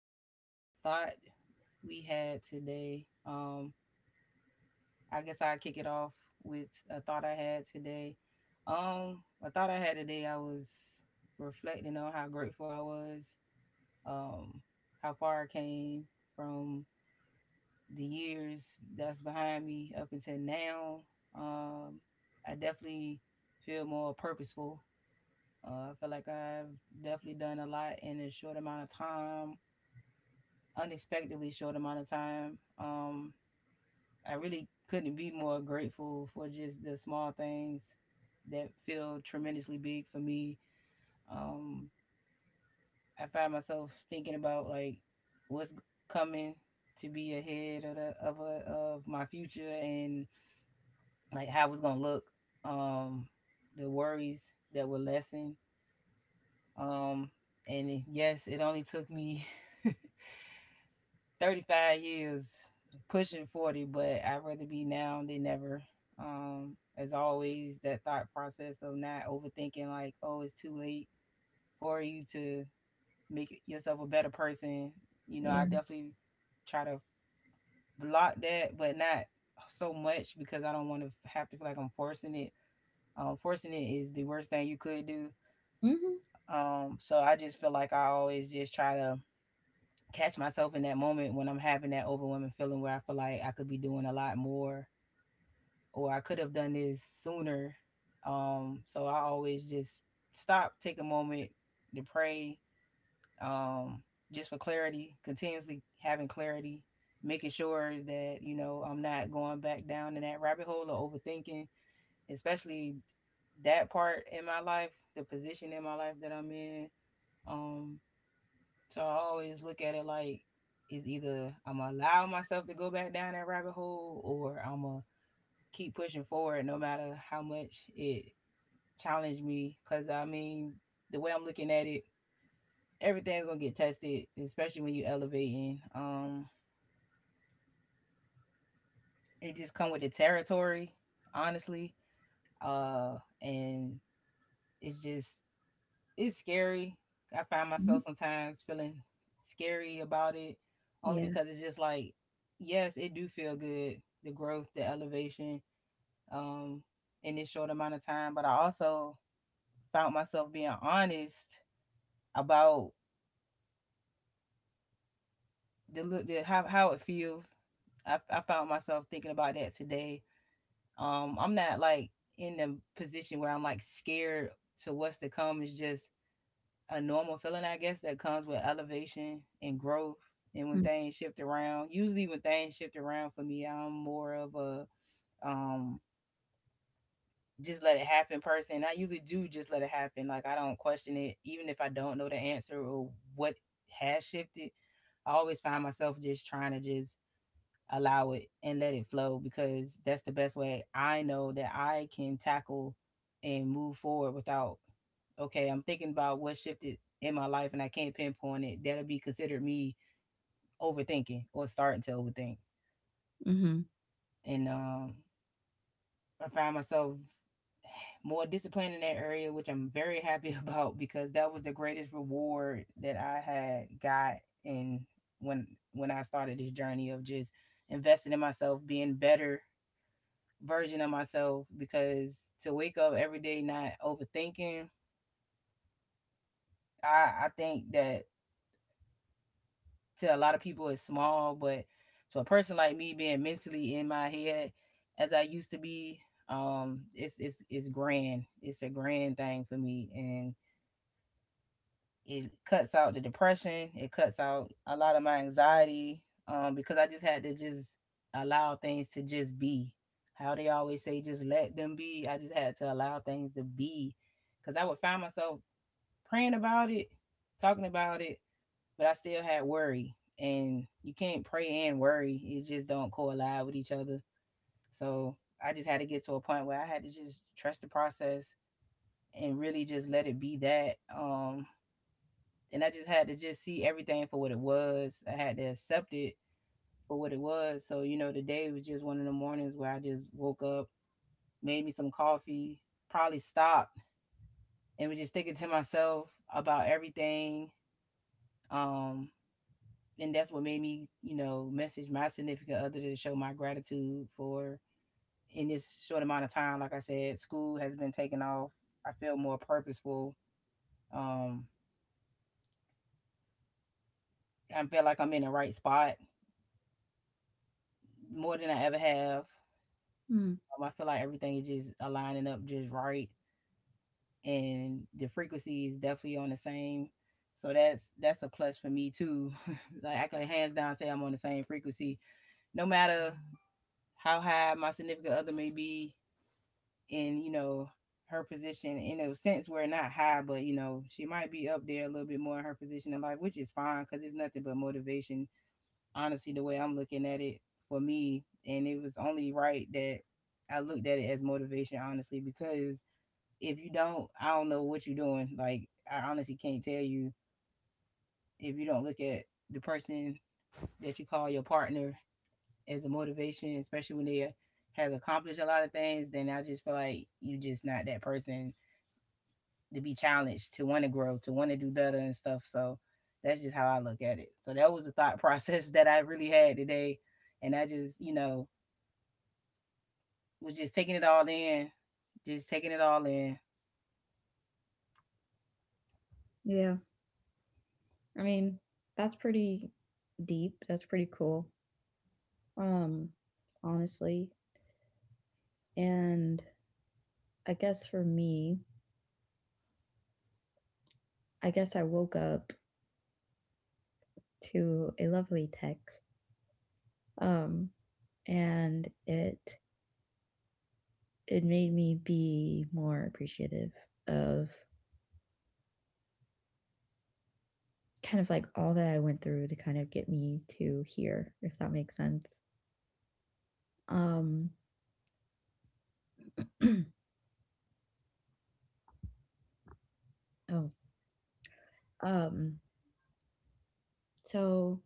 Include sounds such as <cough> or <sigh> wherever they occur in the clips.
going to be a thought we had today. I guess I'll kick it off with a thought I had today. A thought I had today, I was reflecting on how grateful I was, um, how far I came from the years that's behind me up until now. Um, I definitely feel more purposeful. I feel like I've definitely done a lot in a short amount of time, unexpectedly short amount of time. I really couldn't be more grateful for just the small things that feel tremendously big for me. Um, I find myself thinking about like what's coming to be ahead of my future, and like how it's gonna look. Um, the worries that were lessened. Um, and yes, it only took me <laughs> 35 years, pushing 40, but I'd rather be now than never. As always, that thought process of not overthinking, like, oh, it's too late for you to make yourself a better person, I Yeah. definitely try to block that, but not so much because I don't want to have to feel like I'm forcing it. Forcing it is the worst thing you could do. Mhm. So I just feel like I always just try to catch myself in that moment when I'm having that overwhelming feeling where I feel like I could be doing a lot more, or I could have done this sooner. So I always just stop, take a moment to pray, um, just for clarity, continuously having clarity, making sure that, I'm not going back down in that rabbit hole or overthinking, especially that part in my life, the position in my life that I'm in. Um, so I always look at it like it's either I'm gonna allow myself to go back down that rabbit hole, or I'm gonna keep pushing forward no matter how much it challenged me. Cause I mean, the way I'm looking at it, everything's gonna get tested, especially when you are elevating. It just come with the territory, honestly. And it's just it's scary. I find myself Mhm. sometimes feeling scary about it, only Yeah. because it's just like, yes, it do feel good, the growth, the elevation, um, in this short amount of time. But I also found myself being honest about the, li- the how it feels. I found myself thinking about that today. I'm not like in the position where I'm like scared to what's to come. It's just a normal feeling, I guess, that comes with elevation and growth. And when Mm. things shift around, usually when things shift around for me, I'm more of a um just let it happen person. I usually do just let it happen. Like I don't question it, even if I don't know the answer or what has shifted. I always find myself just trying to just allow it and let it flow, because that's the best way I know that I can tackle and move forward without, okay, I'm thinking about what shifted in my life and I can't pinpoint it, that'll be considered me overthinking or starting to overthink. Mhm. And I find myself more disciplined in that area, which I'm very happy <laughs> about, because that was the greatest reward that I had got in when when I started this journey of just investing in myself, being better version of myself, because to wake up every day not overthinking, I think that to a lot of people it's small, but to a person like me being mentally in my head as I used to be, it's grand. It's a grand thing for me, and it cuts out the depression, it cuts out a lot of my anxiety. Because I just had to just allow things to just be, how they always say, just let them be. I just had to allow things to be, because I would find myself praying about it, talking about it, but I still had worry, and you can't pray and worry, it just don't collide with each other. So I just had to get to a point where I had to just trust the process and really just let it be that. And I just had to just see everything for what it was. I had to accept it for what it was. So today was just one of the mornings where I just woke up, made me some coffee, probably stopped, and was just thinking to myself about everything. Um, and that's what made me, message my significant other to show my gratitude for in this short amount of time. Like I said, school has been taken off. I feel more purposeful. Um, I feel like I'm in the right spot more than I ever have. Mm. I feel like everything is just aligning up just right, and the frequency is definitely on the same. So that's a plus for me too. <laughs> Like, I can hands down say I'm on the same frequency, no matter how high my significant other may be in her position. In a sense, we're not high, but she might be up there a little bit more in her position in life, which is fine because it's nothing but motivation. Honestly, the way I'm looking at it for me, and it was only right that I looked at it as motivation, honestly, because if you don't, I don't know what you're doing. Like, I honestly can't tell you, if you don't look at the person that you call your partner as a motivation, especially when they has accomplished a lot of things, then I just feel like you are just not that person to be challenged, to want to grow, to want to do better and stuff. So that's just how I look at it. So that was a thought <laughs> process that I really had today, and I just was just taking it all in, just taking it all in. Yeah. I mean, that's pretty deep. That's pretty cool. Um, Honestly. And I guess for me, I guess I woke up to a lovely text. Um, and it made me be more appreciative of kind of like all that I went through to kind of get me to here, if that makes sense. Um, <clears throat> oh, um, So,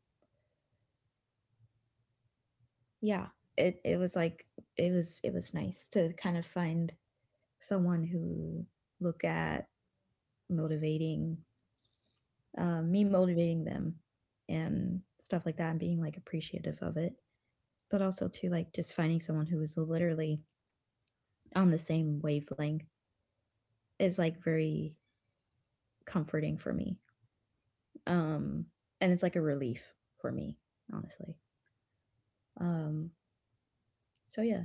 yeah, it was like it was nice to kind of find someone who look at motivating me motivating them and stuff like that and being like appreciative of it, but also to like just finding someone who is literally on the same wavelength is like very comforting for me, um and it's like a relief for me, honestly. um so yeah,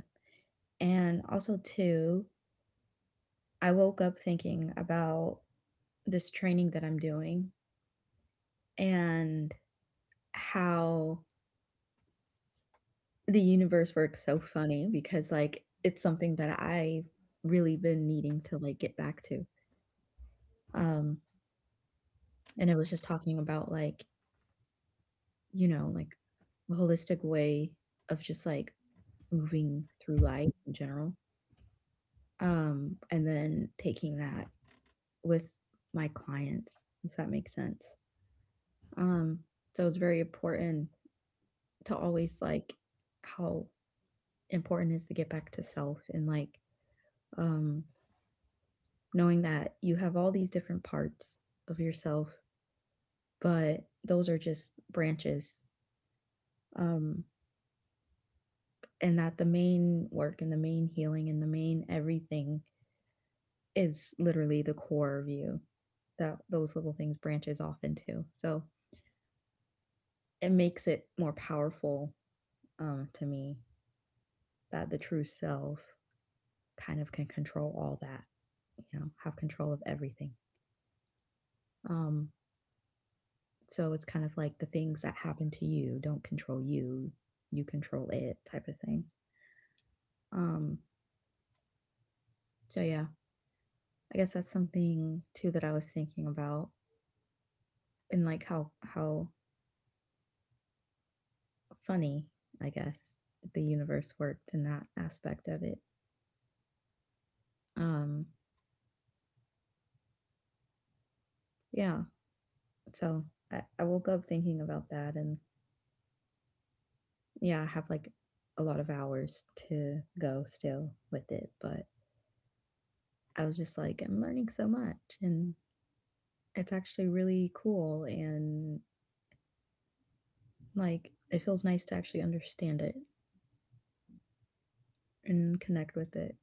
and also too, I woke up thinking about this training that I'm doing and how the universe works so funny because like it's something that I really been needing to like get back to. Um and it was just talking about like, you know, like a holistic way of just like moving through life in general. And then taking that with my clients, if that makes sense. Um so it's very important to always like how important is to get back to self and like, um knowing that you have all these different parts of yourself, but those are just branches, um and that the main work and the main healing and the main everything is literally the core of you that those little things branches off into. So it makes it more powerful, to me, that the true self kind of can control all that, you know, have control of everything. um So it's kind of like the things that happen to you don't control you, you control it type of thing. Um so yeah, I guess that's something too that I was thinking about and like how funny, I guess, the universe worked in that aspect of it. Um yeah, so I woke up thinking about that, and yeah, I have like a lot of hours to go still with it, but I was just like I'm learning so much and it's actually really cool. And like, it feels nice to actually understand it and connect with it.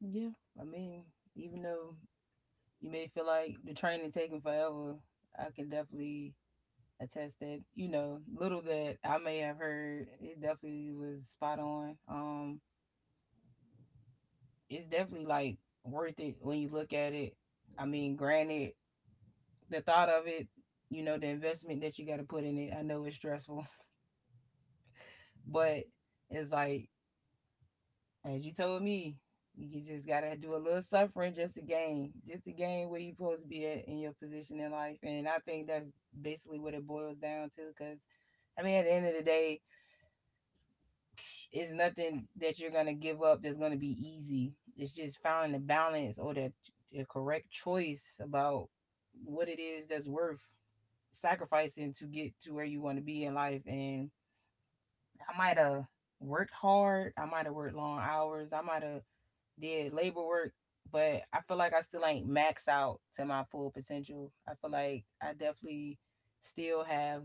Yeah, I mean, even though you may feel like the training taking forever, I can definitely attest that, little that I may have heard, it definitely was spot on. It's definitely like worth it when you look at it. I mean, granted, the thought of it, the investment that you got to put in it, I know it's stressful, <laughs> but it's like, as you told me, you just gotta do a little suffering just to gain where you're supposed to be at in your position in life. And I think that's basically what it boils down to. Because I mean, at the end of the day, it's nothing that you're gonna give up that's gonna be easy. It's just finding the balance, or the correct choice about what it is that's worth sacrificing to get to where you want to be in life. And I might have worked hard. I might have worked long hours. I might have did labor work, but I feel like I still ain't max out to my full potential. I feel like I definitely still have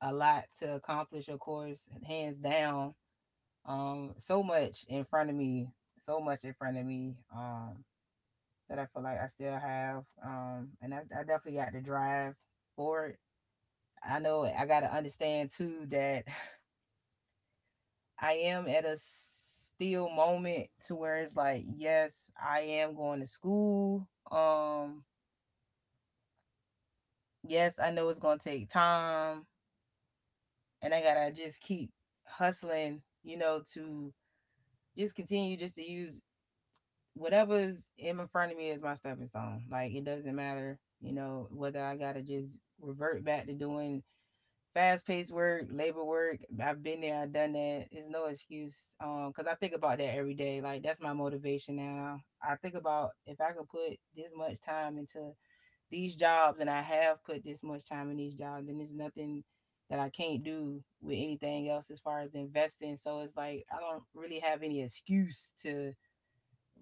a lot to accomplish, of course, hands down. So much in front of me, so much in front of me. That I feel like I still have. And I definitely got the drive for it. I know I got to understand too that <laughs> I am at a still moment to where it's like, yes, I am going to school. Yes, I know it's gonna take time, and I gotta just keep hustling, to just continue just to use whatever's in front of me as my stepping stone. Like, it doesn't matter, whether I gotta just revert back to doing fast paced work, labor work. I've been there, I've done that. It's no excuse. Cause I think about that every day. Like, that's my motivation now. I think about, if I could put this much time into these jobs, and I have put this much time in these jobs, and there's nothing that I can't do with anything else as far as investing. So it's like I don't really have any excuse to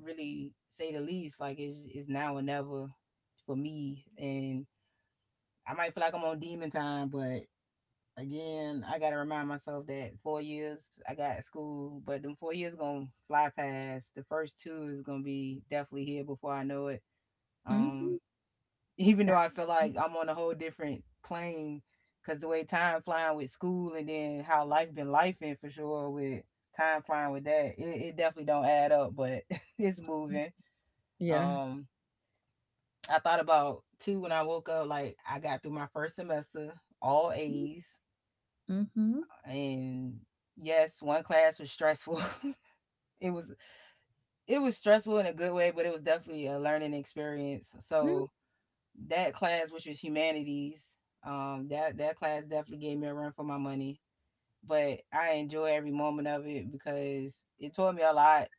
really say the least. Like, it's now or never for me. And I might feel like I'm on demon time, but again, I gotta remind myself that 4 years I got school, but them 4 years gonna fly past. The first two is gonna be definitely here before I know it. Um Mhm. Even that though I feel m like I'm on a whole different plane, because the way time flying with school, and then how life been life in for sure, with time flying with that, it definitely don't add up, but <laughs> it's moving. Yeah. Um, I thought about too when I woke up, like I got through my first semester, all A's, Mhm. and yes, one class was stressful. <laughs> it was it was stressful in a good way, but it was definitely a learning experience. Mhm. So that class, which was humanities, that class definitely gave me a run for my money. But I enjoy every moment of it because it taught me a lot.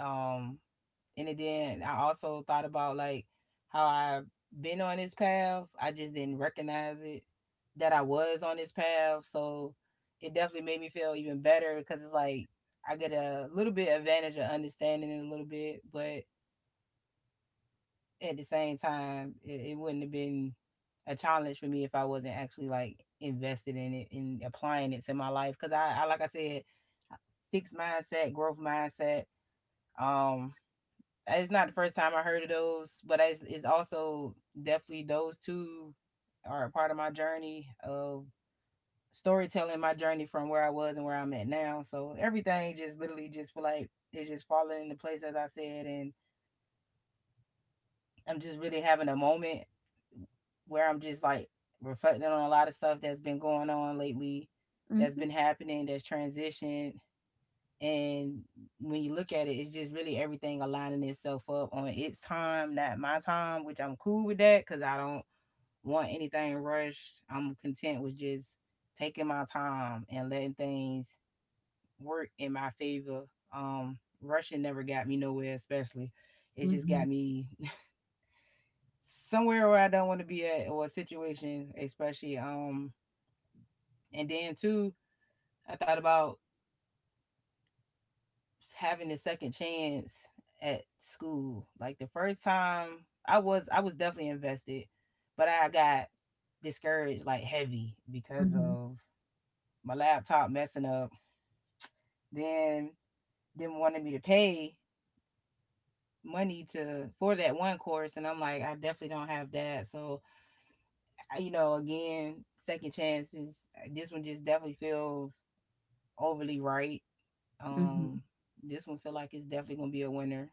Um, and then I also thought about like how I've been on this path. I just didn't recognize it that I was on this path. So it definitely made me feel even better because it's like I get a little bit advantage of understanding it a little bit, but at the same time, it wouldn't have been a challenge for me if I wasn't actually like invested in it and applying it to my life. Because like I said, fixed mindset, growth mindset. Um, it's not the first time I heard of those, but it's also definitely those two are a part of my journey of storytelling, my journey from where I was and where I'm at now. So everything just literally just feel like it's just falling into place as I said, and I'm just really having a moment where I'm just like reflecting on a lot of stuff that's been going on lately, that's Mhm. been happening, that's transitioned. And when you look at it, it's just really everything aligning itself up on its time, not my time, which I'm cool with that because I don't want anything rushed. I'm content with just taking my time and letting things work in my favor. Rushing never got me nowhere, especially. It just Mhm. got me somewhere where I don't want to be at or a situation, especially. And then too, I thought about having a second chance at school. Like the first time, I was definitely invested, but I got discouraged like heavy because Mhm. of my laptop messing up. Then them wanted me to pay money to for that one course and I'm like I definitely don't have that so you know again second chances this one just definitely feels overly right. Mhm. Um, this one feel like it's definitely gonna be a winner,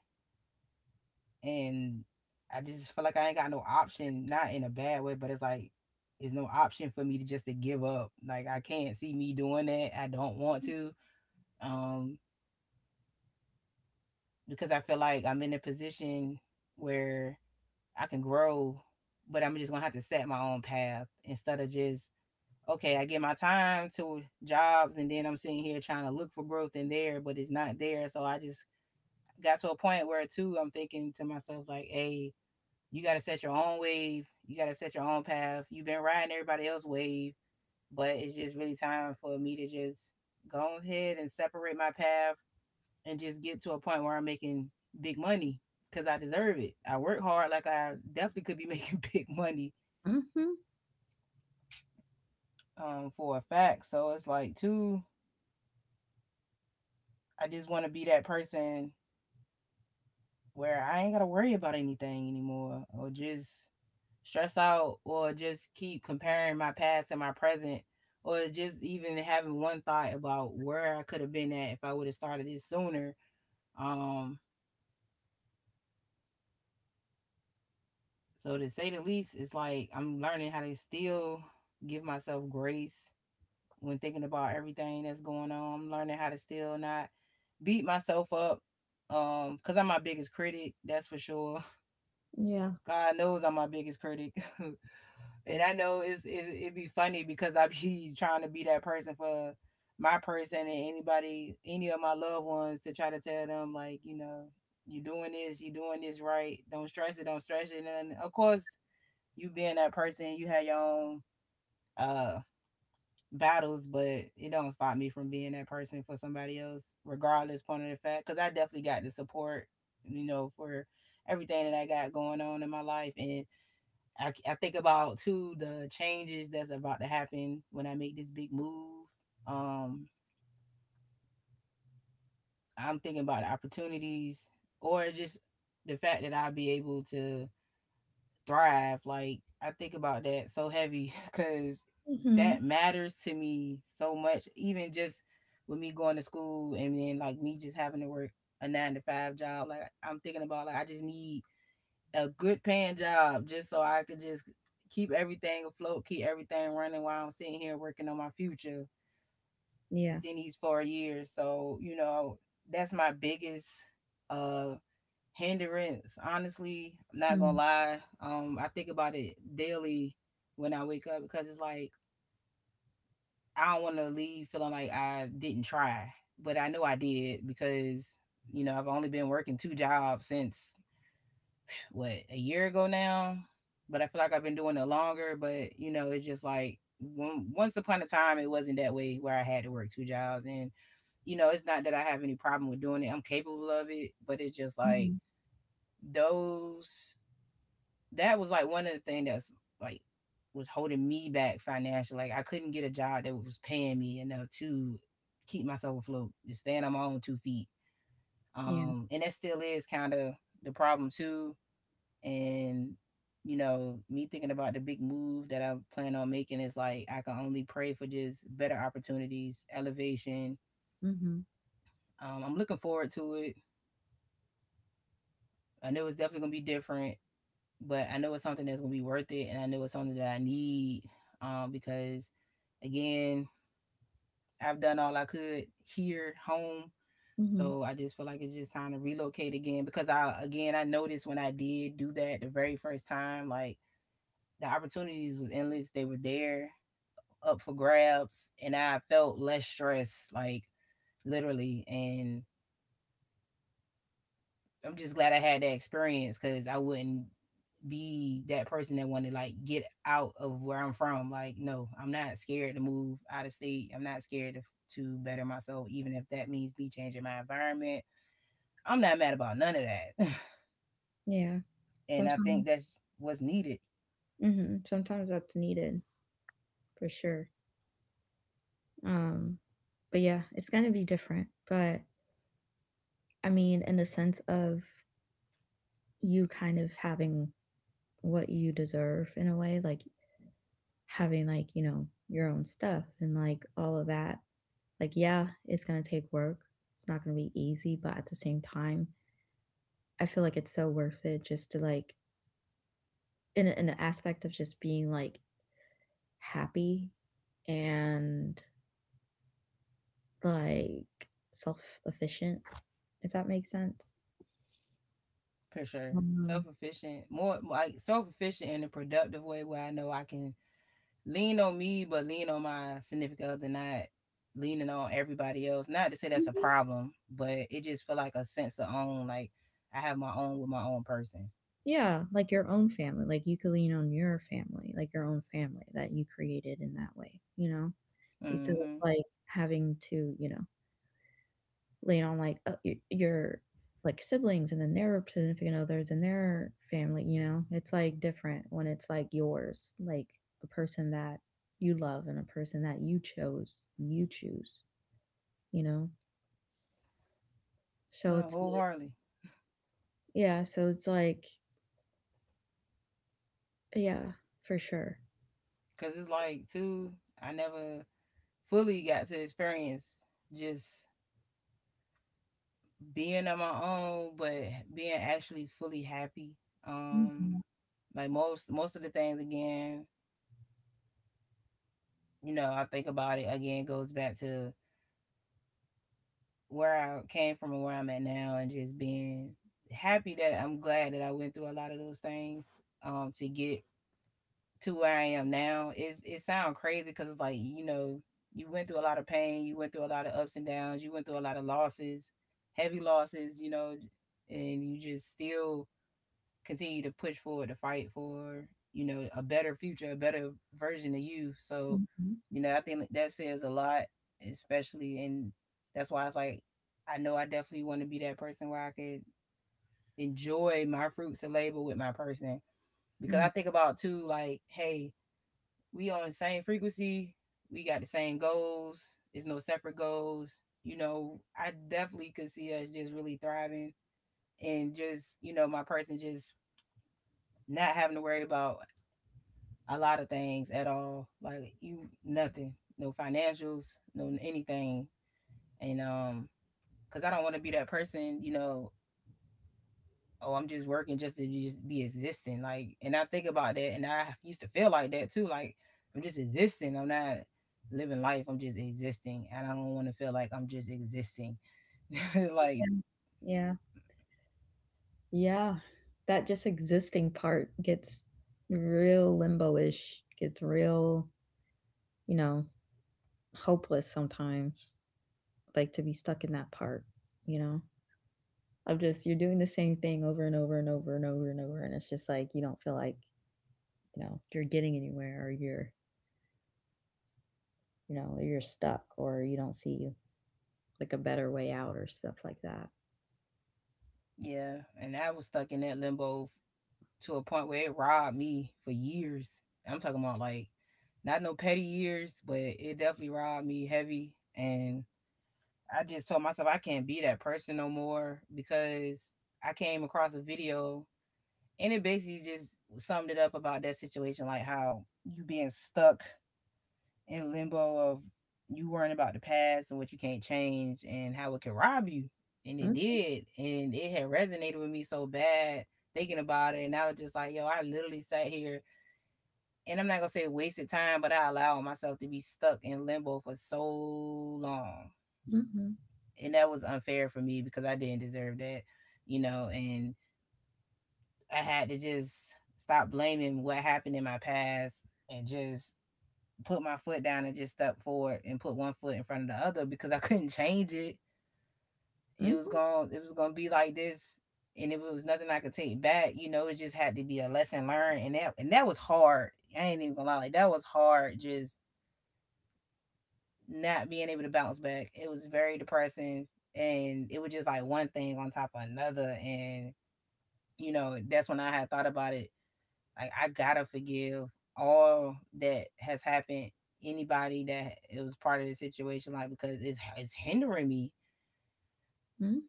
and I just feel like I ain't got no option. Not in a bad way, but it's like it's no option for me to just to give up. Like I can't see me doing that. I don't want to. Um, because I feel like I'm in a position where I can grow, but I'm just gonna have to set my own path instead of just okay, I give my time to jobs and then I'm sitting here trying to look for growth in there, but it's not there. So I just got to a point where too I'm thinking to myself like, hey, you got to set your own wave. You got to set your own path. You've been riding everybody else's wave, but it's just really time for me to just go ahead and separate my path and just get to a point where I'm making big money because I deserve it. I work hard, like I definitely could be <laughs> making big money, Mhm. For a fact. So it's like, too, I just want to be that person where I ain't got to worry about anything anymore or just stress out or just keep comparing my past and my present or just even having one thought about where I could have been at if I would have started this sooner. Um so to say the least, it's like I'm learning how to still give myself grace when thinking about everything that's going on. I'm learning how to still not beat myself up. Cause I'm my biggest critic, that's for sure. Yeah. <laughs> God knows I'm my biggest critic. <laughs> And I know it's, it'd be funny because I be <laughs> trying to be that person for my person and anybody, any of my loved ones to try to tell them like, you know, you doing this right. Don't stress it, don't stress it. And of course, you being that person, you have your own uh battles, but it don't stop me from being that person for somebody else, regardless point of the fact, because I definitely got the support, you know, for everything that I got going on in my life, and I think about too the changes that's about to happen when I make this big move. Um, I'm thinking about the opportunities or just the fact that I'll be able to thrive. Like I think about that so heavy <laughs> because that Mhm. matters to me so much. Even just with me going to school and then like me just having to work a nine to five job. Like I'm thinking about like I just need a good paying job just so I could just keep everything afloat, keep everything running while I'm sitting here working on my future Yeah. within these 4 years. So, you know, that's my biggest uh hindrance. Honestly, I'm not gonna Mhm. lie. I think about it daily when I wake up because it's like I don't wanna leave feeling like I didn't try. But I know I did because, you know, I've only been working two jobs since what a year ago now, but I feel like I've been doing it longer. But you know, it's just like when, once upon a time, it wasn't that way where I had to work two jobs, and you know, it's not that I have any problem with doing it. I'm capable of it, but it's just like Mhm. those. That was like one of the things that's like was holding me back financially. Like I couldn't get a job that was paying me enough to keep myself afloat, to stand on my own two feet. Yeah. And that still is kind of the problem too and you know me thinking about the big move that I plan on making is like I can only pray for just better opportunities elevation, Mhm. I'm looking forward to it I know it's definitely going to be different but I know it's something that's going to be worth it and I know it's something that I need, because again I've done all I could here home Mhm. so I just feel like it's just time to relocate again because I again I noticed when I did do that the very first time like the opportunities was endless they were there up for grabs and I felt less stress, like literally. And I'm just glad I had that experience because I wouldn't be that person that wanted to like get out of where I'm from. Like, no, I'm not scared to move out of state. I'm not scared to better myself, even if that means me changing my environment. I'm not mad about none of that. Yeah. <laughs> and I Sometime think that's what's needed mhm, sometimes that's needed, for sure. Um, but yeah, it's gonna be different, but, I mean, in the sense of you kind of having what you deserve in a way, like having like, you know, your own stuff and like all of that. Like, yeah, it's going to take work. It's not going to be easy, but at the same time, I feel like it's so worth it just to like, in the aspect of just being like happy and like self efficient, if that makes sense. for sure. Self Um, efficient, more like self efficient in a productive way where I know I can lean on me, but lean on my significant other, not leaning on everybody else. Not to say that's a Mhm. problem, but it just feel like a sense of own. Like I have my own with my own person. Yeah, like your own family. Like you could lean on your family, like your own family that you created in that way, you know? Instead of Mm-hmm. like having to, you know, lean on like your like siblings and then their significant others and their family, you know, it's like different when it's like yours, like a person that you love and a person that you chose and you choose, you know, so No, it's like, wholeheartedly, yeah, so it's like yeah, for sure. because it's like too. I never fully got to experience just being on my own, but being actually fully happy. Um, Hmm. like most of the things again, you know, I think about it again. Goes back to where I came from and where I'm at now, and just being happy that I'm glad that I went through a lot of those things to get to where I am now. It sounds crazy because it's like you know you went through a lot of pain, you went through a lot of ups and downs, you went through a lot of losses, heavy losses, you know, and you just still continue to push forward to fight for you know a better future a better version of you so Hmm. you know I think that says a lot especially and that's why it's like I know I definitely want to be that person where I could enjoy my fruits of labor with my person because I Hmm. think about too like hey we on the same frequency we got the same goals. There's no separate goals you know I definitely could see us just really thriving and just you know my person just not having to worry about a lot of things at all. Like you, nothing, no financials, no anything, and cause I don't want to be that person, you know. Oh, I'm just working just to just be existing, like. And I think about that, and I used to feel like that too. Like I'm just existing. I'm not living life. I'm just existing, and I don't want to feel like I'm just existing. <laughs> Like Yeah. Yeah. That just existing part gets real limbo-ish, gets real, you know, hopeless sometimes, like to be stuck in that part, you know, of just you're doing the same thing over and over and over and over and over. And it's just like you don't feel like, you know, you're getting anywhere, or you're, you know, you're stuck, or you don't see like a better way out or stuff like that. yeah, and I was stuck in that limbo to a point where it robbed me for years. I'm talking about like not no petty years, but it definitely robbed me heavy. And I just told myself I can't be that person no more because I came across a video and it basically just summed it up about that situation, like how you being stuck in limbo of you worrying about the past and what you can't change and how it can rob you. And it Mm-hmm. did. And it had resonated with me so bad thinking about it. And I was just like, yo, I literally sat here and I'm not gonna say wasted time, but I allowed myself to be stuck in limbo for so long. Mm-hmm. And that was unfair for me because I didn't deserve that, you know, and I had to just stop blaming what happened in my past and just put my foot down and just step forward and put one foot in front of the other because I <laughs> couldn't change it. It was going to be like this, and if it was nothing I could take back, you know, it just had to be a lesson learned, and that was hard. I ain't even going to lie, like that was hard, just not being able to bounce back. It was very depressing, and it was just like one thing on top of another, and you know, that's when I had thought about it. Like I gotta forgive all that has happened. Anybody that it was part of the situation, like because it's hindering me.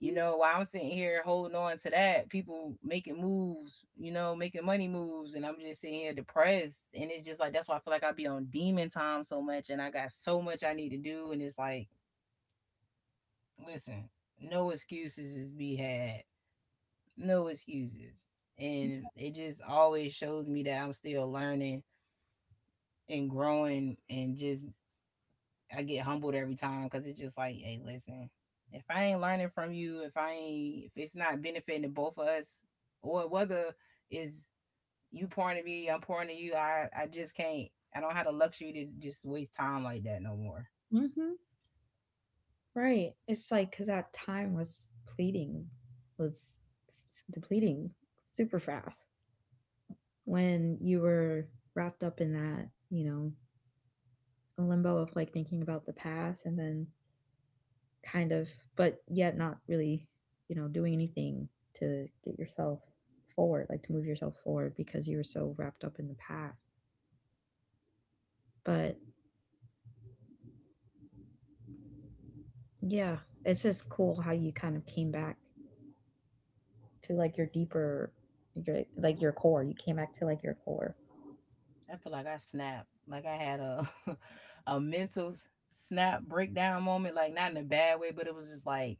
You know, while I'm sitting here holding on to that, people making moves, you know, making money moves, and I'm just sitting here depressed. And it's just like that's why I feel like I be on demon time so much, and I got so much I need to do. And it's like, listen, no excuses is be had, no excuses, and it just always shows me that I'm still learning and growing and just I get humbled every time because it's just like, hey, listen, if I ain't learning from you, if I ain't if it's not benefiting both of us, or whether is you pouring to me, I'm pouring to you, I just can't. I don't have the luxury to just waste time like that no more. Mm-hmm. Right. It's like because that time was pleading, was depleting super fast when you were wrapped up in that, you know, limbo of like thinking about the past and then kind of, but yet not really, you know, doing anything to get yourself forward, like to move yourself forward because you were so wrapped up in the past. But yeah, it's just cool how you kind of came back to like your like your core. You came back to like your core. I feel like I snapped, like I had a <laughs> a mental snap breakdown moment, like not in a bad way, but it was just like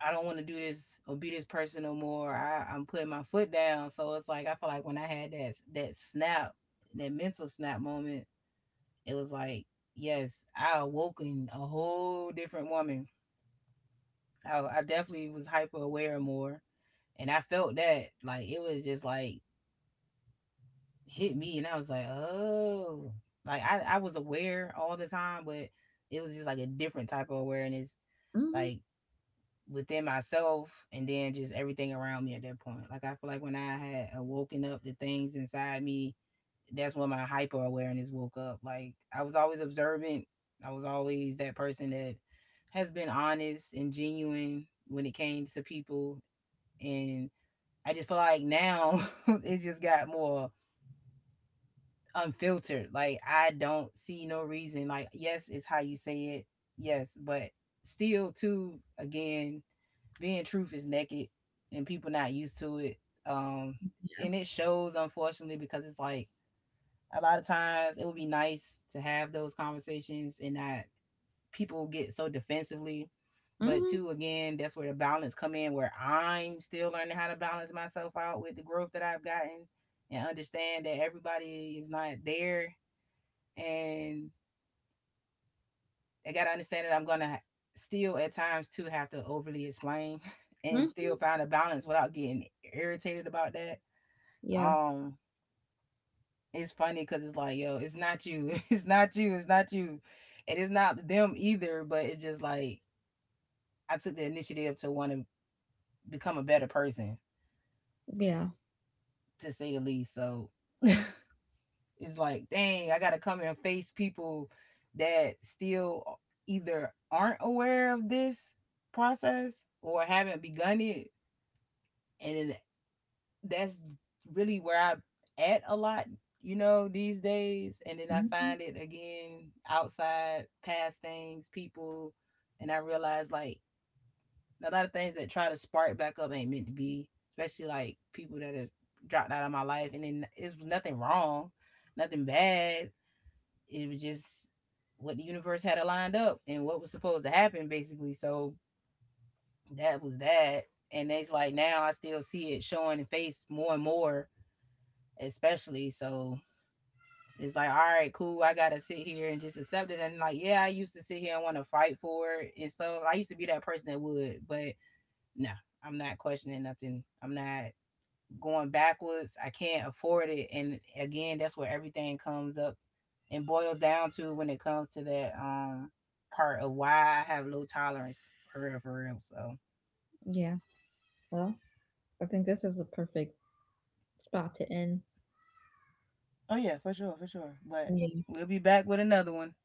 I don't want to do this or be this person no more. I'm putting my foot down. So it's like I feel like when I had that snap, that mental snap moment, it was like, yes, I awoken a whole different woman. I definitely was hyper aware more, and I felt that, like it was just like hit me, and I was like, oh, like I was aware all the time, but it was just like a different type of awareness. Hmm. Like within myself and then just everything around me at that point. Like I feel like when I had awoken up the things inside me, that's when my hyper awareness woke up. Like I was always observant. I was always that person that has been honest and genuine when it came to people, and I just feel like now <laughs> it just got more unfiltered. Like I don't see no reason, like yes, it's how you say it. Yes, but still too again, being truth is naked and people not used to it. Um, and it shows, unfortunately, because it's like a lot of times it would be nice to have those conversations and not people get so defensively. But Hmm. two, again, that's where the balance come in where I'm still learning how to balance myself out with the growth that I've gotten and understand that everybody is not there, and they got to understand that I'm going to still at times too have to overly explain <laughs> and still Hmm. find a balance without getting irritated about that. Yeah. Um, it's funny because it's like, yo, it's not you, <laughs> it's not you, and it's not them either. But it's just like I took the initiative to want to become a better person, Yeah. to say the least. So <laughs> it's like, dang, I got to come and face people that still either aren't aware of this process or haven't begun it, and that's really where I'm at a lot, you know, these days. And then I Mhm. find it again outside, past things, people, and I realize like a lot of things that try to spark back up ain't meant to be, especially like people that have dropped out of my life. And then it was nothing wrong, nothing bad. It was just what the universe had lined up and what was supposed to happen, basically. So that was that. And it's like now I still see it showing in face more and more especially. So it's like, all right, cool. I gotta sit here and just accept it. And like, yeah, I used to sit here and want to fight for it and stuff. I used to be that person that would, but no, I'm not questioning nothing. I'm not going backwards. I can't afford it. And again, that's where everything comes up and boils down to when it comes to that part of why I have low tolerance, for real, for real. So, Yeah. Well, I think this is the perfect spot to end. oh yeah, for sure, for sure. But Yeah. we'll be back with another one.